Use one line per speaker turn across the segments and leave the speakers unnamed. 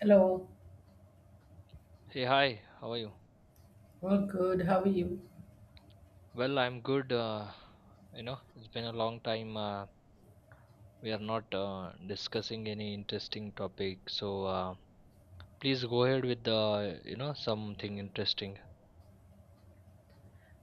Hello,
Hey, hi, how are you?
all good. How are you?
I'm good. It's been a long time. We are not discussing any interesting topic. Please go ahead with something interesting.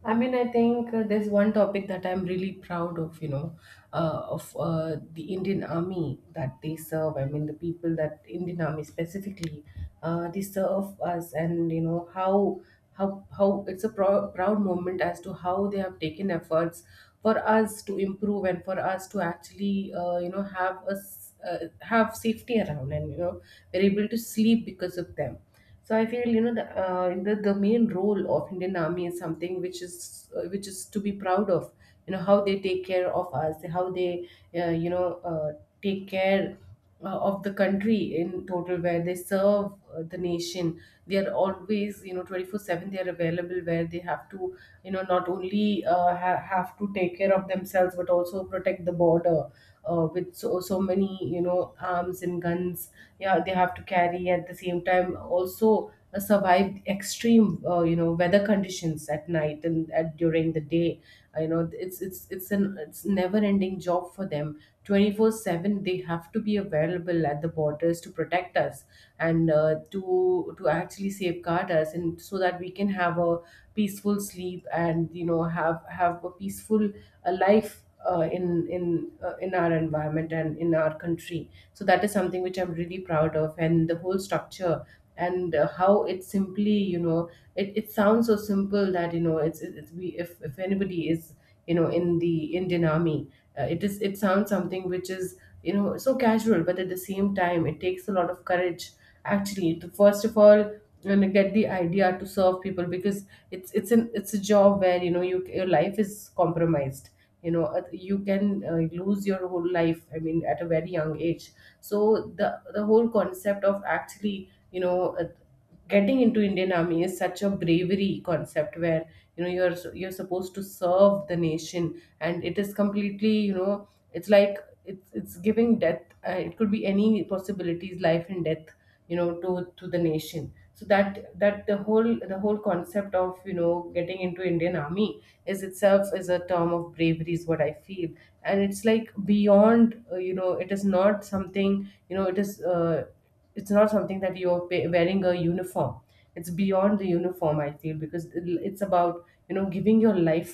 I think there's one topic that I'm really proud of, you know, of the Indian Army that they serve. I mean, the people that Indian Army specifically, they serve us, and you know how it's a proud moment as to how they have taken efforts for us to improve and for us to actually, have us have safety around, and you know, we're able to sleep because of them. So I feel you know the main role of Indian Army is something which is to be proud of. You know how they take care of us, how they uh, you know uh, take care of the country in total, where they serve the nation. They are always you know 24/7. They are available where they have to you know not only have to take care of themselves but also protect the border with so many you know arms and guns, yeah, they have to carry. At the same time also survived extreme weather conditions at night and during the day. You know it's never ending job for them. 24/7 they have to be available at the borders to protect us and to actually safeguard us, and so that we can have a peaceful sleep, and you know have a peaceful life in our environment and in our country. So that is something which I'm really proud of, and the whole structure and how it simply it sounds so simple that you know we, if anybody is, you know, in the Indian Army, it sounds something which is you know so casual, but at the same time it takes a lot of courage actually to first of all you know get the idea to serve people, because it's an it's a job where you know your life is compromised. You know you can lose your whole life, I mean, at a very young age. So the whole concept of actually getting into Indian Army is such a bravery concept where you know you're supposed to serve the nation, and it is completely, you know, it's like, it's giving death, it could be any possibilities, life and death, you know, to the nation. So that the whole the whole concept of you know getting into Indian Army is itself is a term of bravery, is what I feel. And it's like beyond, it is not something, you know, it's not something that you're wearing a uniform. It's beyond the uniform, I feel, because it's about you know giving your life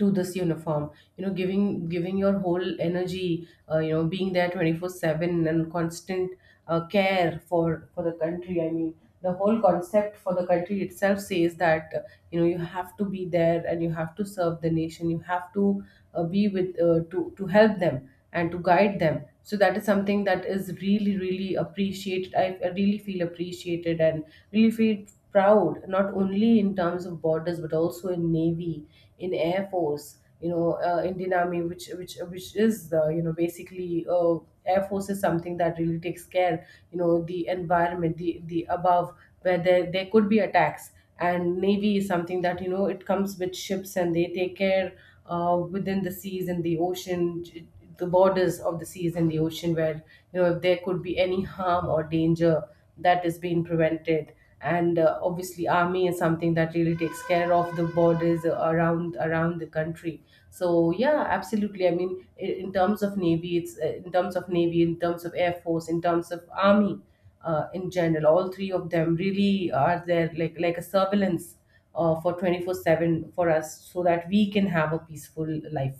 to this uniform, you know, giving your whole energy, you know, being there 24/7 and constant care for the country. I mean, the whole concept for the country itself says that you know you have to be there and you have to serve the nation, you have to be with to help them and to guide them. So that is something that is really really appreciated. I really feel appreciated and really feel proud, not only in terms of borders but also in navy, in air force, you know, indian army which is the, you know, basically, air force is something that really takes care, you know, the environment, the above, where there could be attacks. And navy is something that, you know, it comes with ships and they take care within the seas and the ocean, the borders of the seas and the ocean, where you know if there could be any harm or danger, that is being prevented. And obviously army is something that really takes care of the borders around the country. So yeah, absolutely, I mean, in terms of navy, in terms of air force, in terms of army, in general, all three of them really are there, like a surveillance for 24/7 for us so that we can have a peaceful life.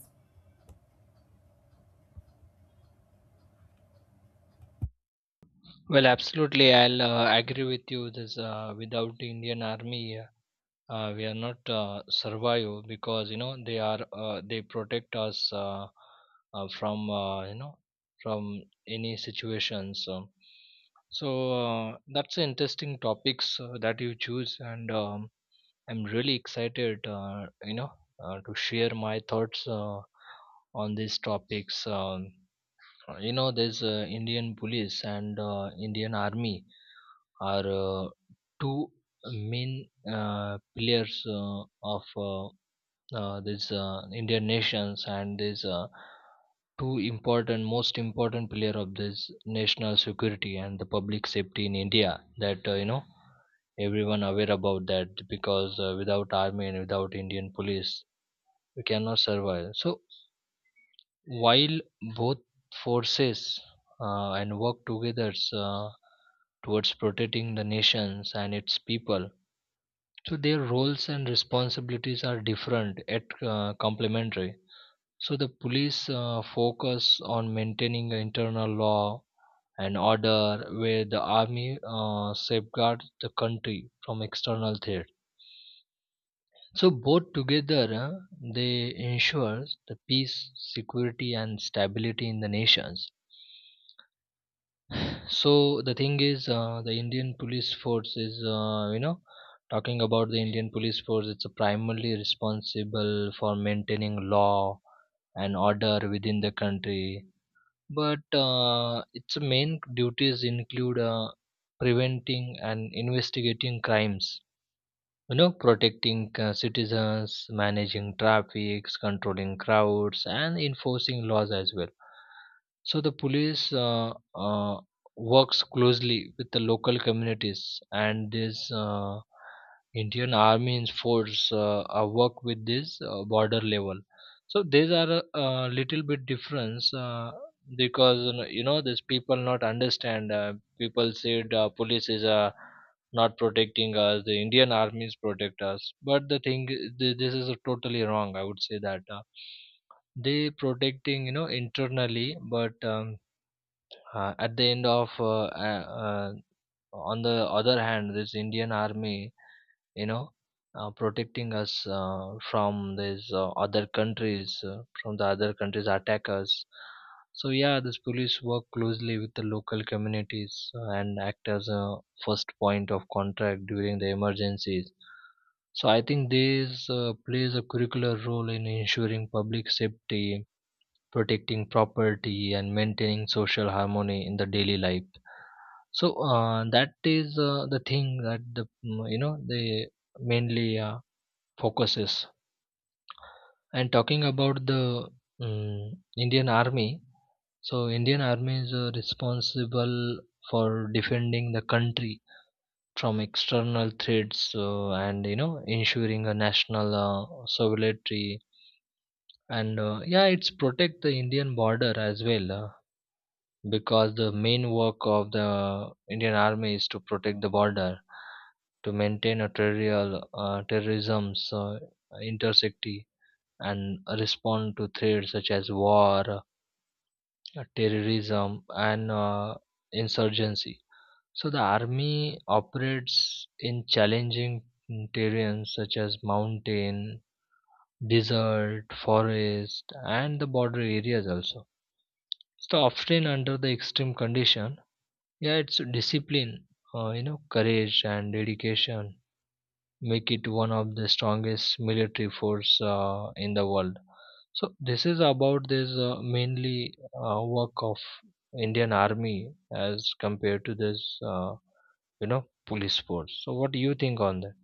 Absolutely. I'll agree with you. This Without the Indian Army, we are not survive because you know they are they protect us from you know from any situations so that's an interesting topics that you choose and I'm really excited, you know, to share my thoughts on these topics. You know, there's Indian police and Indian army are two main pillars of this Indian nations, and these two important, most important player of this national security and the public safety in India. That You know, everyone aware about that because without army and without Indian police, we cannot survive. So while both forces and work together towards protecting the nations and its people. So their roles and responsibilities are different yet complementary. So the police focus on maintaining internal law and order, where the army safeguards the country from external threat. So both together, they ensure the peace, security, and stability in the nations. So the thing is, the Indian police force is, you know, talking about the Indian police force, it's primarily responsible for maintaining law and order within the country. But its main duties include preventing and investigating crimes, you know, protecting citizens, managing traffic, controlling crowds, and enforcing laws as well. So the police works closely with the local communities, and this Indian army and force work with this border level. So these are a little bit difference, because you know, you know, these people not understand, people said police is a not protecting us, the Indian armies protect us. But the thing is, this is totally wrong, I would say that. They protecting, you know, internally, but at the end of uh, uh, on the other hand, this Indian army, you know, protecting us from these other countries, from the other countries attackers. So yeah, this police work closely with the local communities and act as a first point of contact during the emergencies. So I think this plays a curricular role in ensuring public safety, protecting property, and maintaining social harmony in the daily life. So that is the thing that the you know, they mainly focuses. And talking about the Indian army, so Indian army is responsible for defending the country from external threats, and you know, ensuring a national sovereignty. And yeah, it's protect the Indian border as well, because the main work of the Indian Army is to protect the border, to maintain a terrestrial terrorism's intersecty, and respond to threats such as war, terrorism, and insurgency. So the army operates in challenging terrains such as mountain, desert, forest, and the border areas also. So often under the extreme condition. Yeah, it's discipline, you know, courage and dedication make it one of the strongest military force in the world. So this is about this mainly work of Indian Army as compared to this, you know, police force. So what do you think on that?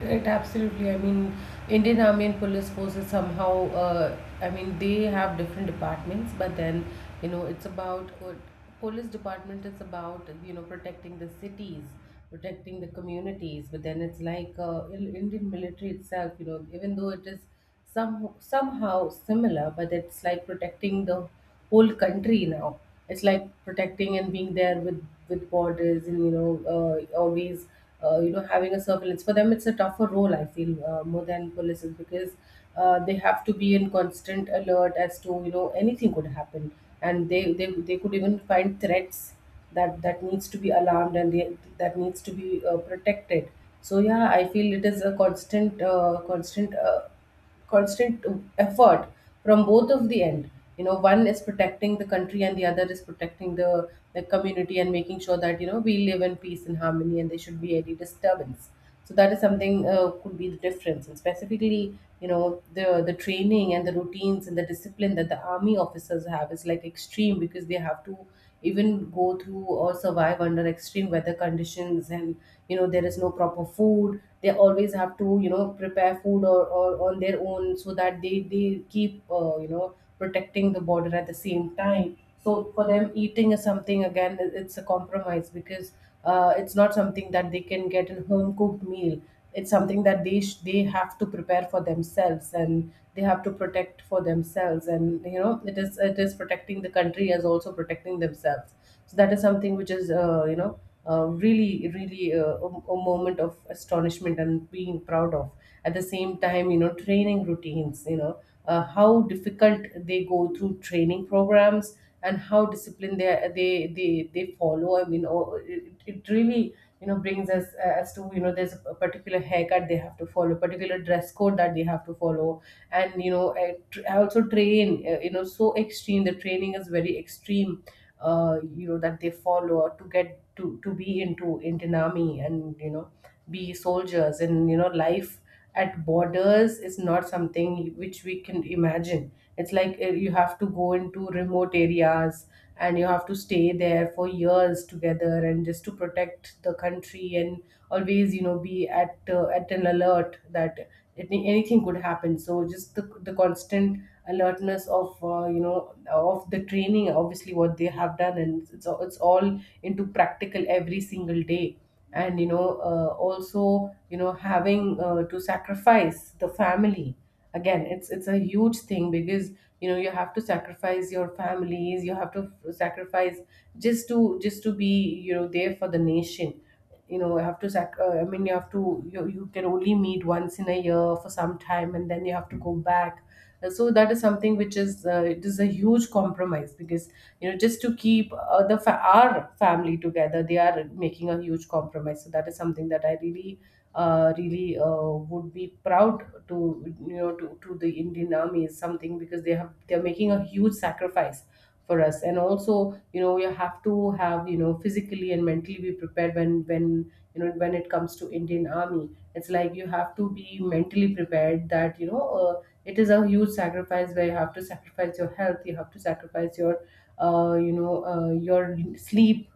Right, absolutely. I mean, Indian Army and police forces somehow. I mean, they have different departments, but then you know it's about, police department is about you know protecting the cities, protecting the communities. But then it's like, in Indian military itself. You know, even though it is somehow similar, but it's like protecting the whole country now. It's like protecting and being there with borders, and you know always you know having a surveillance. For them, it's a tougher role, I feel, more than police is, because they have to be in constant alert as to you know anything could happen, and they could even find threats that that needs to be alarmed and that needs to be protected. So yeah, I feel it is a constant effort from both of the end, you know, one is protecting the country and the other is protecting the community and making sure that you know we live in peace and harmony and there should be any disturbance. So that is something could be the difference. And specifically you know the training and the routines and the discipline that the army officers have is like extreme, because they have to even go through or survive under extreme weather conditions, and you know there is no proper food, they always have to you know prepare food or on their own so that they keep you know protecting the border at the same time. So for them eating is something again, it's a compromise because it's not something that they can get in home cooked meal. It's something that they have to prepare for themselves and they have to protect for themselves, and you know it is protecting the country as also protecting themselves. So that is something which is, you know, really really a moment of astonishment and being proud of. At the same time, you know, training routines, you know, how difficult they go through training programs, and how disciplined they follow. I mean, oh, it really you know brings us as to you know there's a particular haircut they have to follow, particular dress code that they have to follow. And you know I also train, you know, so extreme, the training is very extreme, you know, that they follow to get to be into Indian Army, and you know be soldiers. And you know life at borders is not something which we can imagine. It's like, you have to go into remote areas and you have to stay there for years together and just to protect the country. And always you know be at an alert that anything could happen. So just the constant alertness of of the training, obviously, what they have done, and it's all into practical every single day. And you know also you know having to sacrifice the family, again it's a huge thing because you know you have to sacrifice your families, you have to sacrifice, just to be you know there for the nation. You know you have to I mean you have to, you can only meet once in a year for some time and then you have to go back. So that is something which is, it is a huge compromise, because you know just to keep our family together, they are making a huge compromise. So that is something that I really would be proud to you know to the Indian Army is something, because they have they are making a huge sacrifice for us. And also you know you have to have you know physically and mentally be prepared. When you know when it comes to Indian Army, it's like you have to be mentally prepared that you know it is a huge sacrifice, where you have to sacrifice your health, you have to sacrifice your your sleep,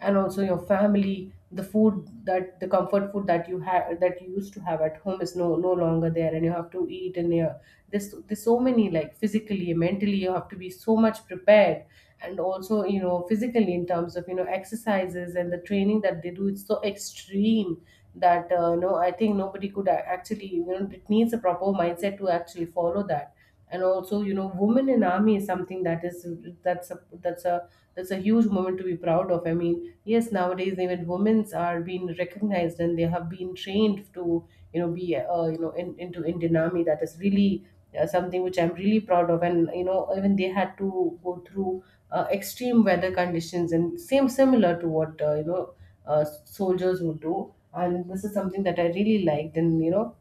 and also your family. The food, that the comfort food that you had that you used to have at home, is no longer there, and you have to eat. And yeah, there's so many, like physically Mentally, you have to be so much prepared, and also, you know, physically in terms of, you know, exercises and the training that they do, it's so extreme that no, I think nobody could actually, you know, it needs a proper mindset to actually follow that. And also, you know, women in army is something that is that's a that's a that's a huge moment to be proud of. I mean, yes, nowadays even women's are being recognized and they have been trained to, you know, be, you know, into Indian army. That is really something which I'm really proud of. And, you know, even they had to go through extreme weather conditions and same similar to what, you know, soldiers would do. And this is something that I really liked. And, you know,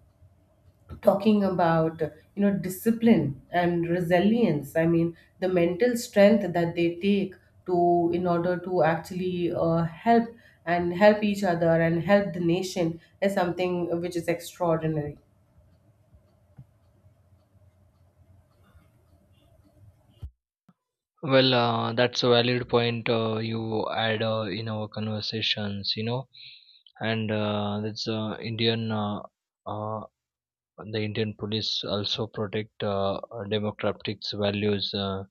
talking about, you know, discipline and resilience, I mean, the mental strength that they take to in order to actually help and help each other and help the nation is something which is extraordinary.
Well, that's a valid point you add in our conversations, you know, and that's Indian uh, and the Indian police also protect democratic values,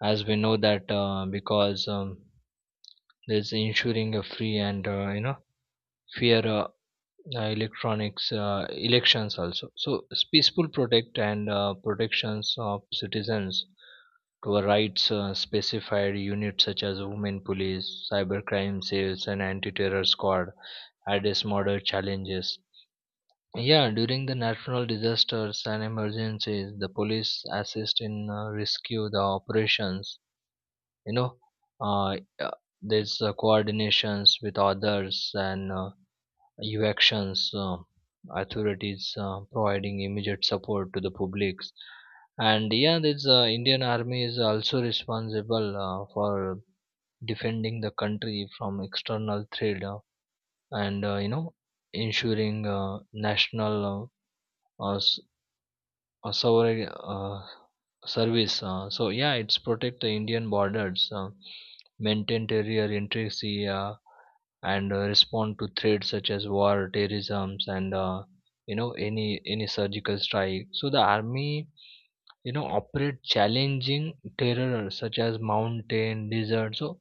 as we know that because there's ensuring a free and you know, fair electronics elections also. So peaceful protect and protections of citizens to a rights, specified units such as women police, cyber crime cells, and anti-terror squad address modern challenges. Yeah, during the natural disasters and emergencies, the police assist in rescue the operations. You know, uh, uh, there's coordinations with others and evacuations, authorities providing immediate support to the publics. And yeah, this Indian Army is also responsible for defending the country from external threat, and you know, ensuring national uh, uh, s- sovereign service. So yeah, it's protect the Indian borders, maintain territorial integrity, and respond to threats such as war, terrorism, and, you know, any surgical strike. So the army, you know, operate challenging terror such as mountain, desert. So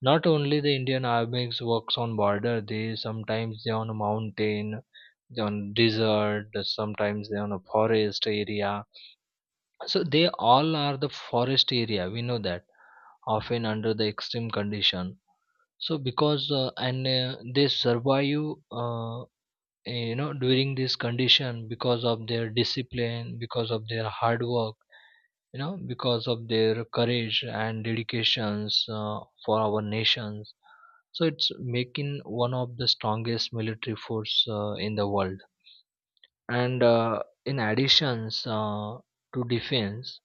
not only the Indian army works on border, they sometimes they on a mountain, they on desert, sometimes they on a forest area. So they all are the forest area, we know that. Often under the extreme condition, so because and they survive, uh, you know, during this condition because of their discipline, because of their hard work, you know, because of their courage and dedications for our nations. So it's making one of the strongest military force in the world. And in additions to defense,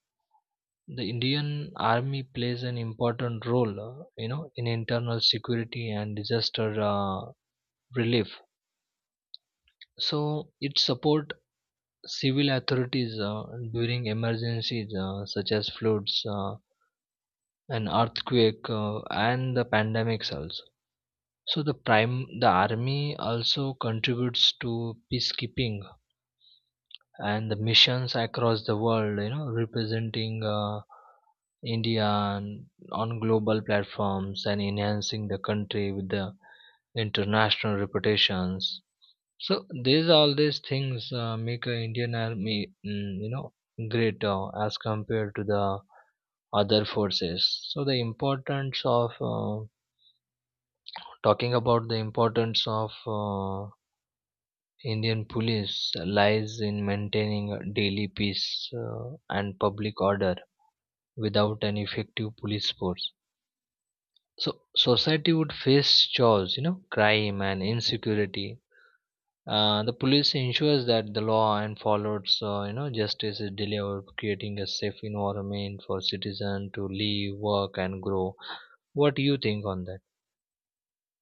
the Indian Army plays an important role, you know, in internal security and disaster relief. So it support civil authorities during emergencies such as floods, an earthquake, and the pandemics also. So the prime, the army also contributes to peacekeeping and the missions across the world, you know, representing India on global platforms and enhancing the country with the international reputations. So these all these things make a Indian army, you know, great as compared to the other forces. So the importance of, talking about the importance of Indian police lies in maintaining a daily peace and public order without an effective police force. So society would face chores, you know, crime and insecurity. The police ensures that the law and follows, you know, justice is delivered, creating a safe environment for citizens to live, work, and grow. What do you think on that?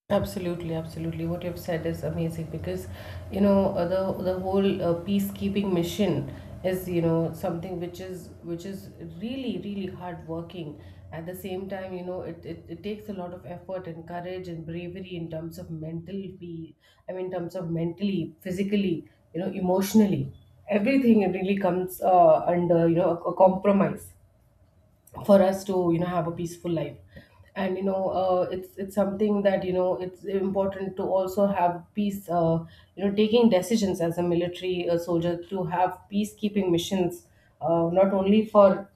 Absolutely, absolutely. What you've said is amazing because, you know, the whole peacekeeping mission is, you know, something which is really, really hard working. At the same time, you know, it takes a lot of effort and courage and bravery in terms of I mean, in terms of mentally, physically, you know, emotionally, everything really comes under, you know, a compromise for us to, you know, have a peaceful life. And, you know, it's something that, you know, it's important to also have peace, you know, taking decisions as a military soldier to have peacekeeping missions, not only for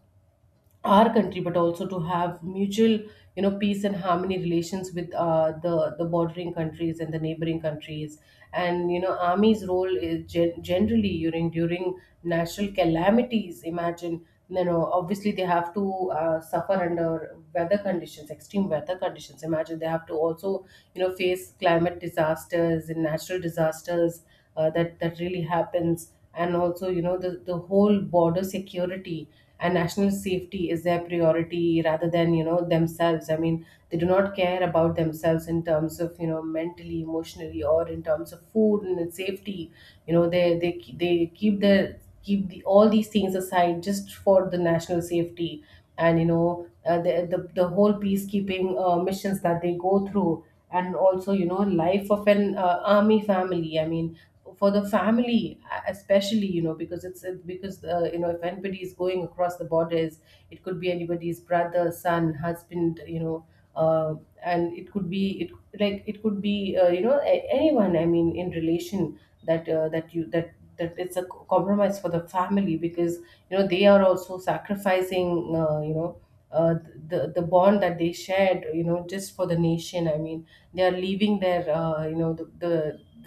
our country but also to have mutual, you know, peace and harmony relations with, the bordering countries and the neighboring countries. And, you know, army's role is generally during natural calamities. Imagine, you know, obviously they have to suffer under weather conditions, extreme weather conditions. Imagine they have to also, you know, face climate disasters and natural disasters, that really happens. And also, you know, the whole border security and national safety is their priority rather than, you know, themselves. I mean, they do not care about themselves in terms of, you know, mentally, emotionally, or in terms of food and safety. You know, they keep their keep all these things aside just for the national safety. And, you know, the whole peacekeeping missions that they go through. And also, you know, life of an army family, I mean, for the family, especially, you know, because because, you know, if anybody is going across the borders, it could be anybody's brother, son, husband, you know, uh, and it could be it like it could be, you know, anyone, I mean, in relation, that that you that that it's a compromise for the family because, you know, they are also sacrificing, uh, you know uh, the bond that they shared, you know, just for the nation. I mean, they are leaving their, you know, the,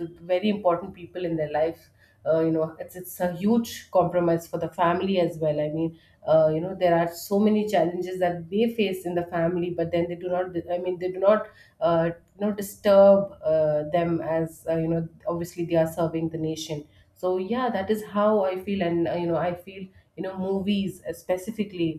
the very important people in their life. You know, it's a huge compromise for the family as well. I mean, you know, there are so many challenges that they face in the family, but then they do not, I mean, they do not, uh, you know, disturb them, as, you know, obviously they are serving the nation. So yeah, that is how I feel. And, you know, I feel, you know, movies, specifically,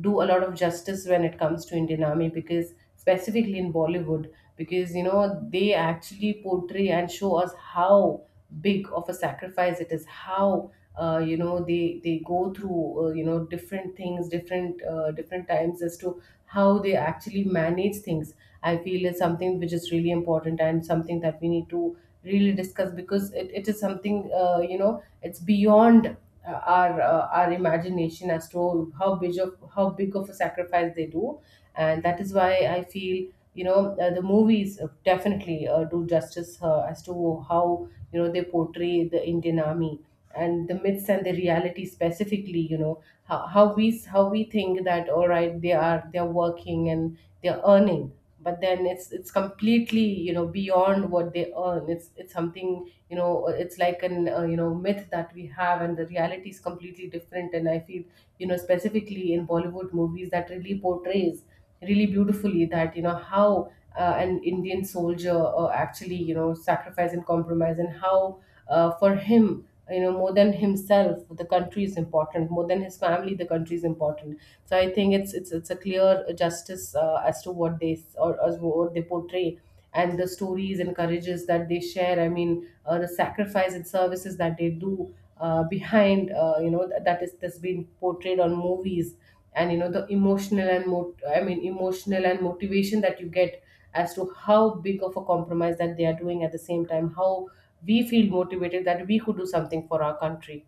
do a lot of justice when it comes to Indian Army, because specifically in Bollywood, because, you know, they actually portray and show us how big of a sacrifice it is, how, you know, they go through, you know, different things, different, different times, as to how they actually manage things. I feel is something which is really important and something that we need to really discuss, because it is something, you know, it's beyond, our, our imagination as to how big of a sacrifice they do. And that is why I feel, you know, the movies, definitely, do justice, as to how, you know, they portray the Indian army and the myths and the reality, specifically, you know, how, how we think that all right, they are they're working and they're earning, but then it's completely, you know, beyond what they earn. It's something, you know, it's like an, you know, myth that we have, and the reality is completely different. And I feel, you know, specifically in Bollywood movies that really portrays really beautifully that, you know, how an Indian soldier actually, you know, sacrifice and compromise, and how, for him, you know, more than himself the country is important, more than his family the country is important. So I think it's a clear justice, as to what they s- or as what they portray, and the stories and courages that they share. I mean, the sacrifice and services that they do behind, you know, that's been portrayed on movies. And, you know, the emotional and I mean, emotional and motivation that you get as to how big of a compromise that they are doing, at the same time how we feel motivated that we could do something for our country.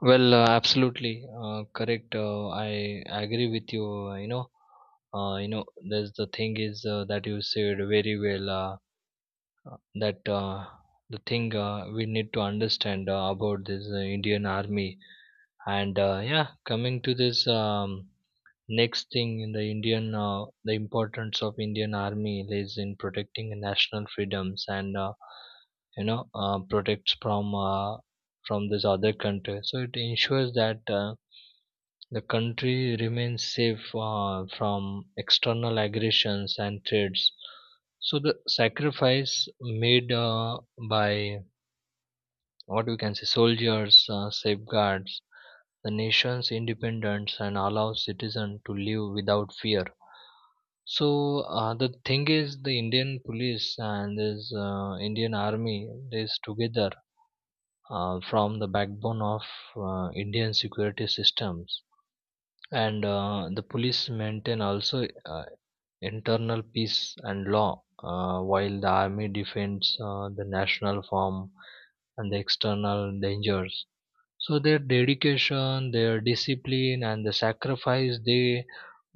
Well, absolutely correct. I agree with you. You know, there's the thing is that you said very well. That The thing we need to understand about this Indian army, and yeah, coming to this. Next thing in the Indian, the importance of Indian army lies in protecting national freedoms, and you know, protects from, from this other country. So it ensures that the country remains safe from external aggressions and threats. So the sacrifice made by what we can say soldiers safeguards the nation's independence and allows citizens to live without fear. So the thing is, the Indian police and this Indian army is together from the backbone of Indian security systems, and the police maintain also internal peace and law, while the army defends the national form and the external dangers. So their dedication, their discipline, and the sacrifice they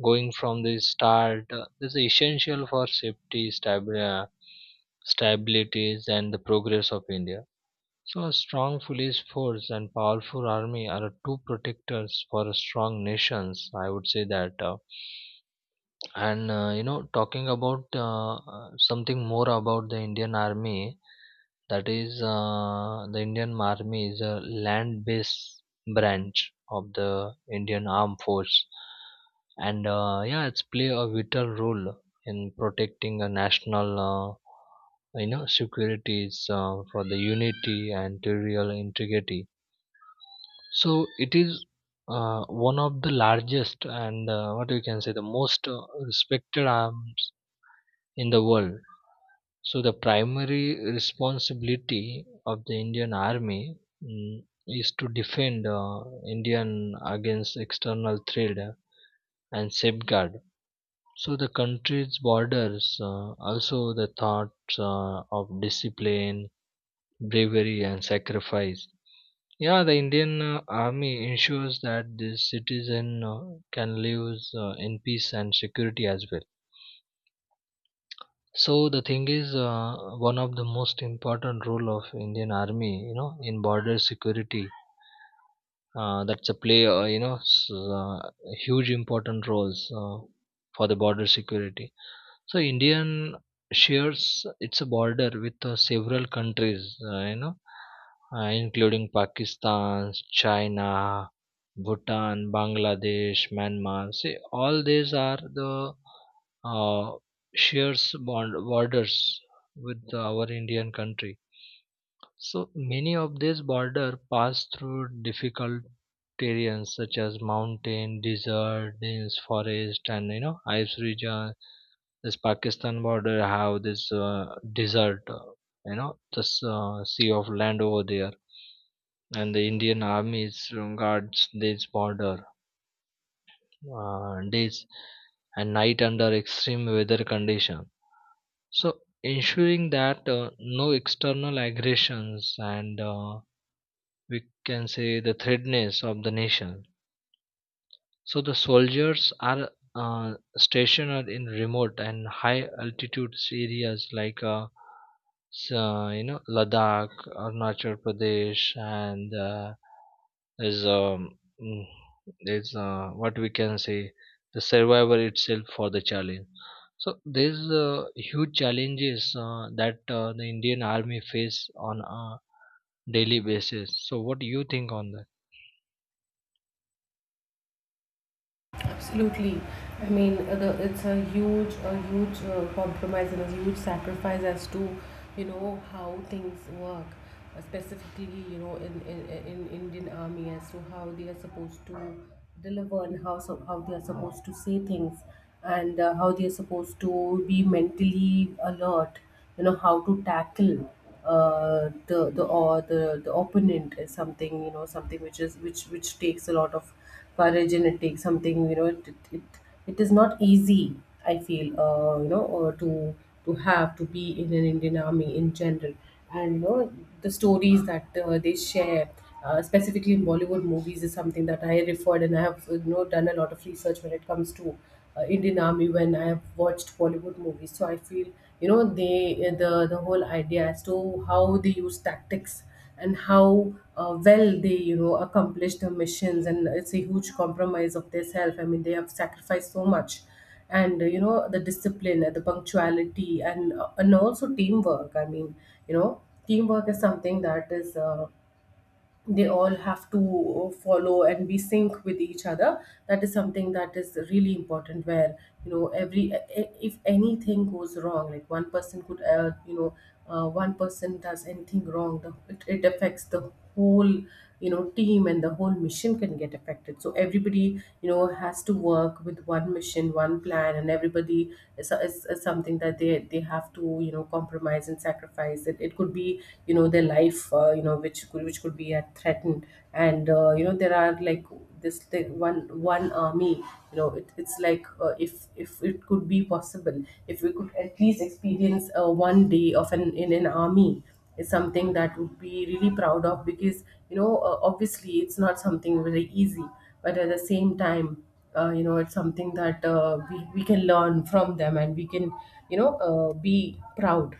going from the start is essential for safety, stabilities, and the progress of India. So a strong police force and powerful army are two protectors for a strong nations, I would say that. And you know, talking about something more about the Indian Army, that is, the Indian Army is a land based branch of the Indian Armed Force. And yeah, it's play a vital role in protecting a national, you know, securities for the unity and territorial integrity. So it is one of the largest and, what you can say, the most respected arms in the world. So the primary responsibility of the Indian Army, is to defend Indian against external threat and safeguard. So the country's borders, also the thoughts of discipline, bravery and sacrifice. Yeah, the Indian army ensures that the citizen can live in peace and security as well. So the thing is, one of the most important role of Indian army, you know, in border security, that's a play, huge important roles for the border security. So Indian shares its border with several countries, you know, including Pakistan, China, Bhutan, Bangladesh, Myanmar. See, all these are the uh, shares bond borders with our Indian country. So many of these borders pass through difficult terrains such as mountain, desert, hills, forest, and you know, ice region. This Pakistan border have this desert, you know, this sea of land over there, and the Indian army is guards this border days and night under extreme weather condition. So ensuring that no external aggressions and, we can say, the threadness of the nation. So the soldiers are stationed in remote and high altitude areas like you know, Ladakh, Arunachal Pradesh, and is mm, is what we can say the survivor itself for the challenge. So there's huge challenges that the Indian Army face on a daily basis. So what do you think on that?
Absolutely. I mean, it's a huge compromise and a huge sacrifice as to, you know, how things work, specifically, you know, in Indian army as to how they are supposed to deliver, and how they are supposed to say things, and, how they are supposed to be mentally alert, you know, how to tackle, the or the the opponent is something, you know, something which is which takes a lot of courage. And it takes something, you know, it is not easy, I feel, to have to be in an Indian army in general. And, you know, the stories that, they share, specifically in Bollywood movies is something that I referred, and I have, you know, done a lot of research when it comes to, Indian army when I have watched Bollywood movies. So I feel, you know, they the whole idea as to how they use tactics and how, well, they, you know, accomplish their missions. And it's a huge compromise of their self. I mean, they have sacrificed so much. And, you know, the discipline and the punctuality, and, and also teamwork. I mean, you know, teamwork is something that is, they all have to follow and be sync with each other. That is something that is really important, where, you know, if anything goes wrong, like, one person could, one person does anything wrong, it affects the whole, you know, team, and the whole mission can get affected. So everybody, you know, has to work with one mission, one plan, and everybody is something that they have to, you know, compromise and sacrifice. It could be, you know, their life, you know, which could be, threatened. And, you know, there are like this, like, one army, you know, it's like, if it could be possible, if we could at least experience, one day of an in an army is something that would be really proud of. Because, you know, obviously it's not something very easy, but at the same time, you know, it's something that, we can learn from them, and we can, you know, be proud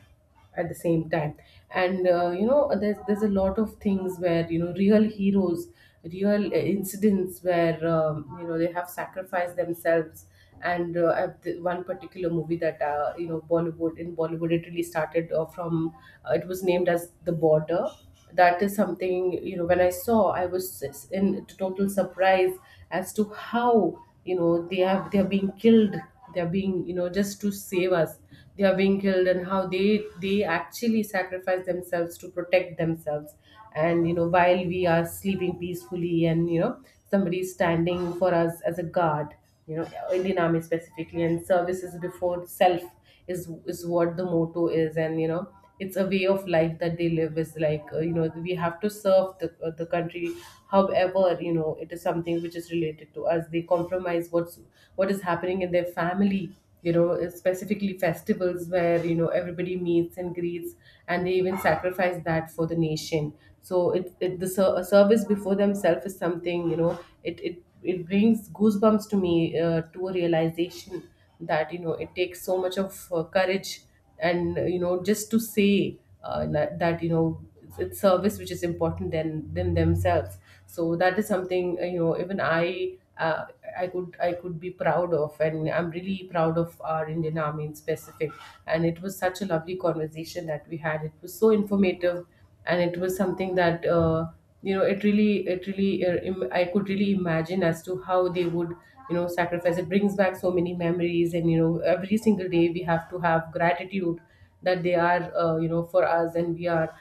at the same time. And, you know, there's a lot of things where, you know, real heroes, real, incidents where, you know, they have sacrificed themselves. And, one particular movie that, you know, Bollywood, in Bollywood, it really started from, it was named as the Border. That is something, you know, when I saw, I was in total surprise, as to how, you know, they have they are being killed. They are being, you know, just to save us, they are being killed, and how they actually sacrifice themselves to protect themselves. And, you know, while we are sleeping peacefully and, you know, somebody is standing for us as a guard, you know, Indian army, specifically, and services before self is what the motto is. And, you know, it's a way of life that they live. Is like, you know, we have to serve the country. However, you know, it is something which is related to us. They compromise what's what is happening in their family, you know, specifically festivals where, you know, everybody meets and greets, and they even sacrifice that for the nation. So a service before themselves is something, you know, it brings goosebumps to me, to a realization that, you know, it takes so much of, courage. And, you know, just to say, that, you know, it's service which is important than themselves. So that is something, you know, even I, I could I could be proud of, and I'm really proud of our Indian army in specific. And it was such a lovely conversation that we had. It was so informative, and it was something that, you know, it really I could really imagine as to how they would, you know, sacrifice. It brings back so many memories. And, you know, every single day we have to have gratitude that they are, you know, for us, and we are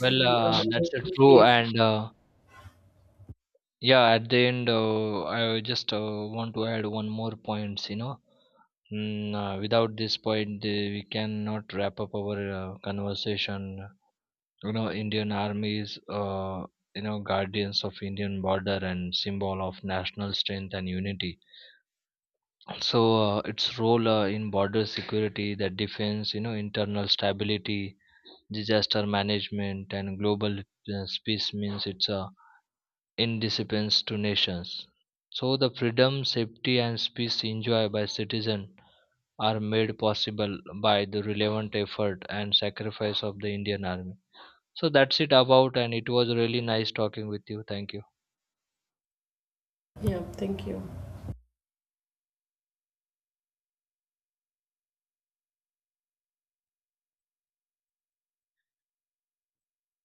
Well, uh, that's
you know,
true,
safe.
and yeah, at the end, I just want to add one more points. You know, without this point, we cannot wrap up our conversation. You know, Indian Army is, you know, guardians of Indian border and symbol of national strength and unity. So, its role in border security, the defense, you know, internal stability, disaster management, and global peace means it's a independence to nations. So the freedom, safety and peace enjoyed by citizens are made possible by the relevant effort and sacrifice of the Indian army. So that's it about, and it was really nice talking with you. Thank you.
Yeah, thank you.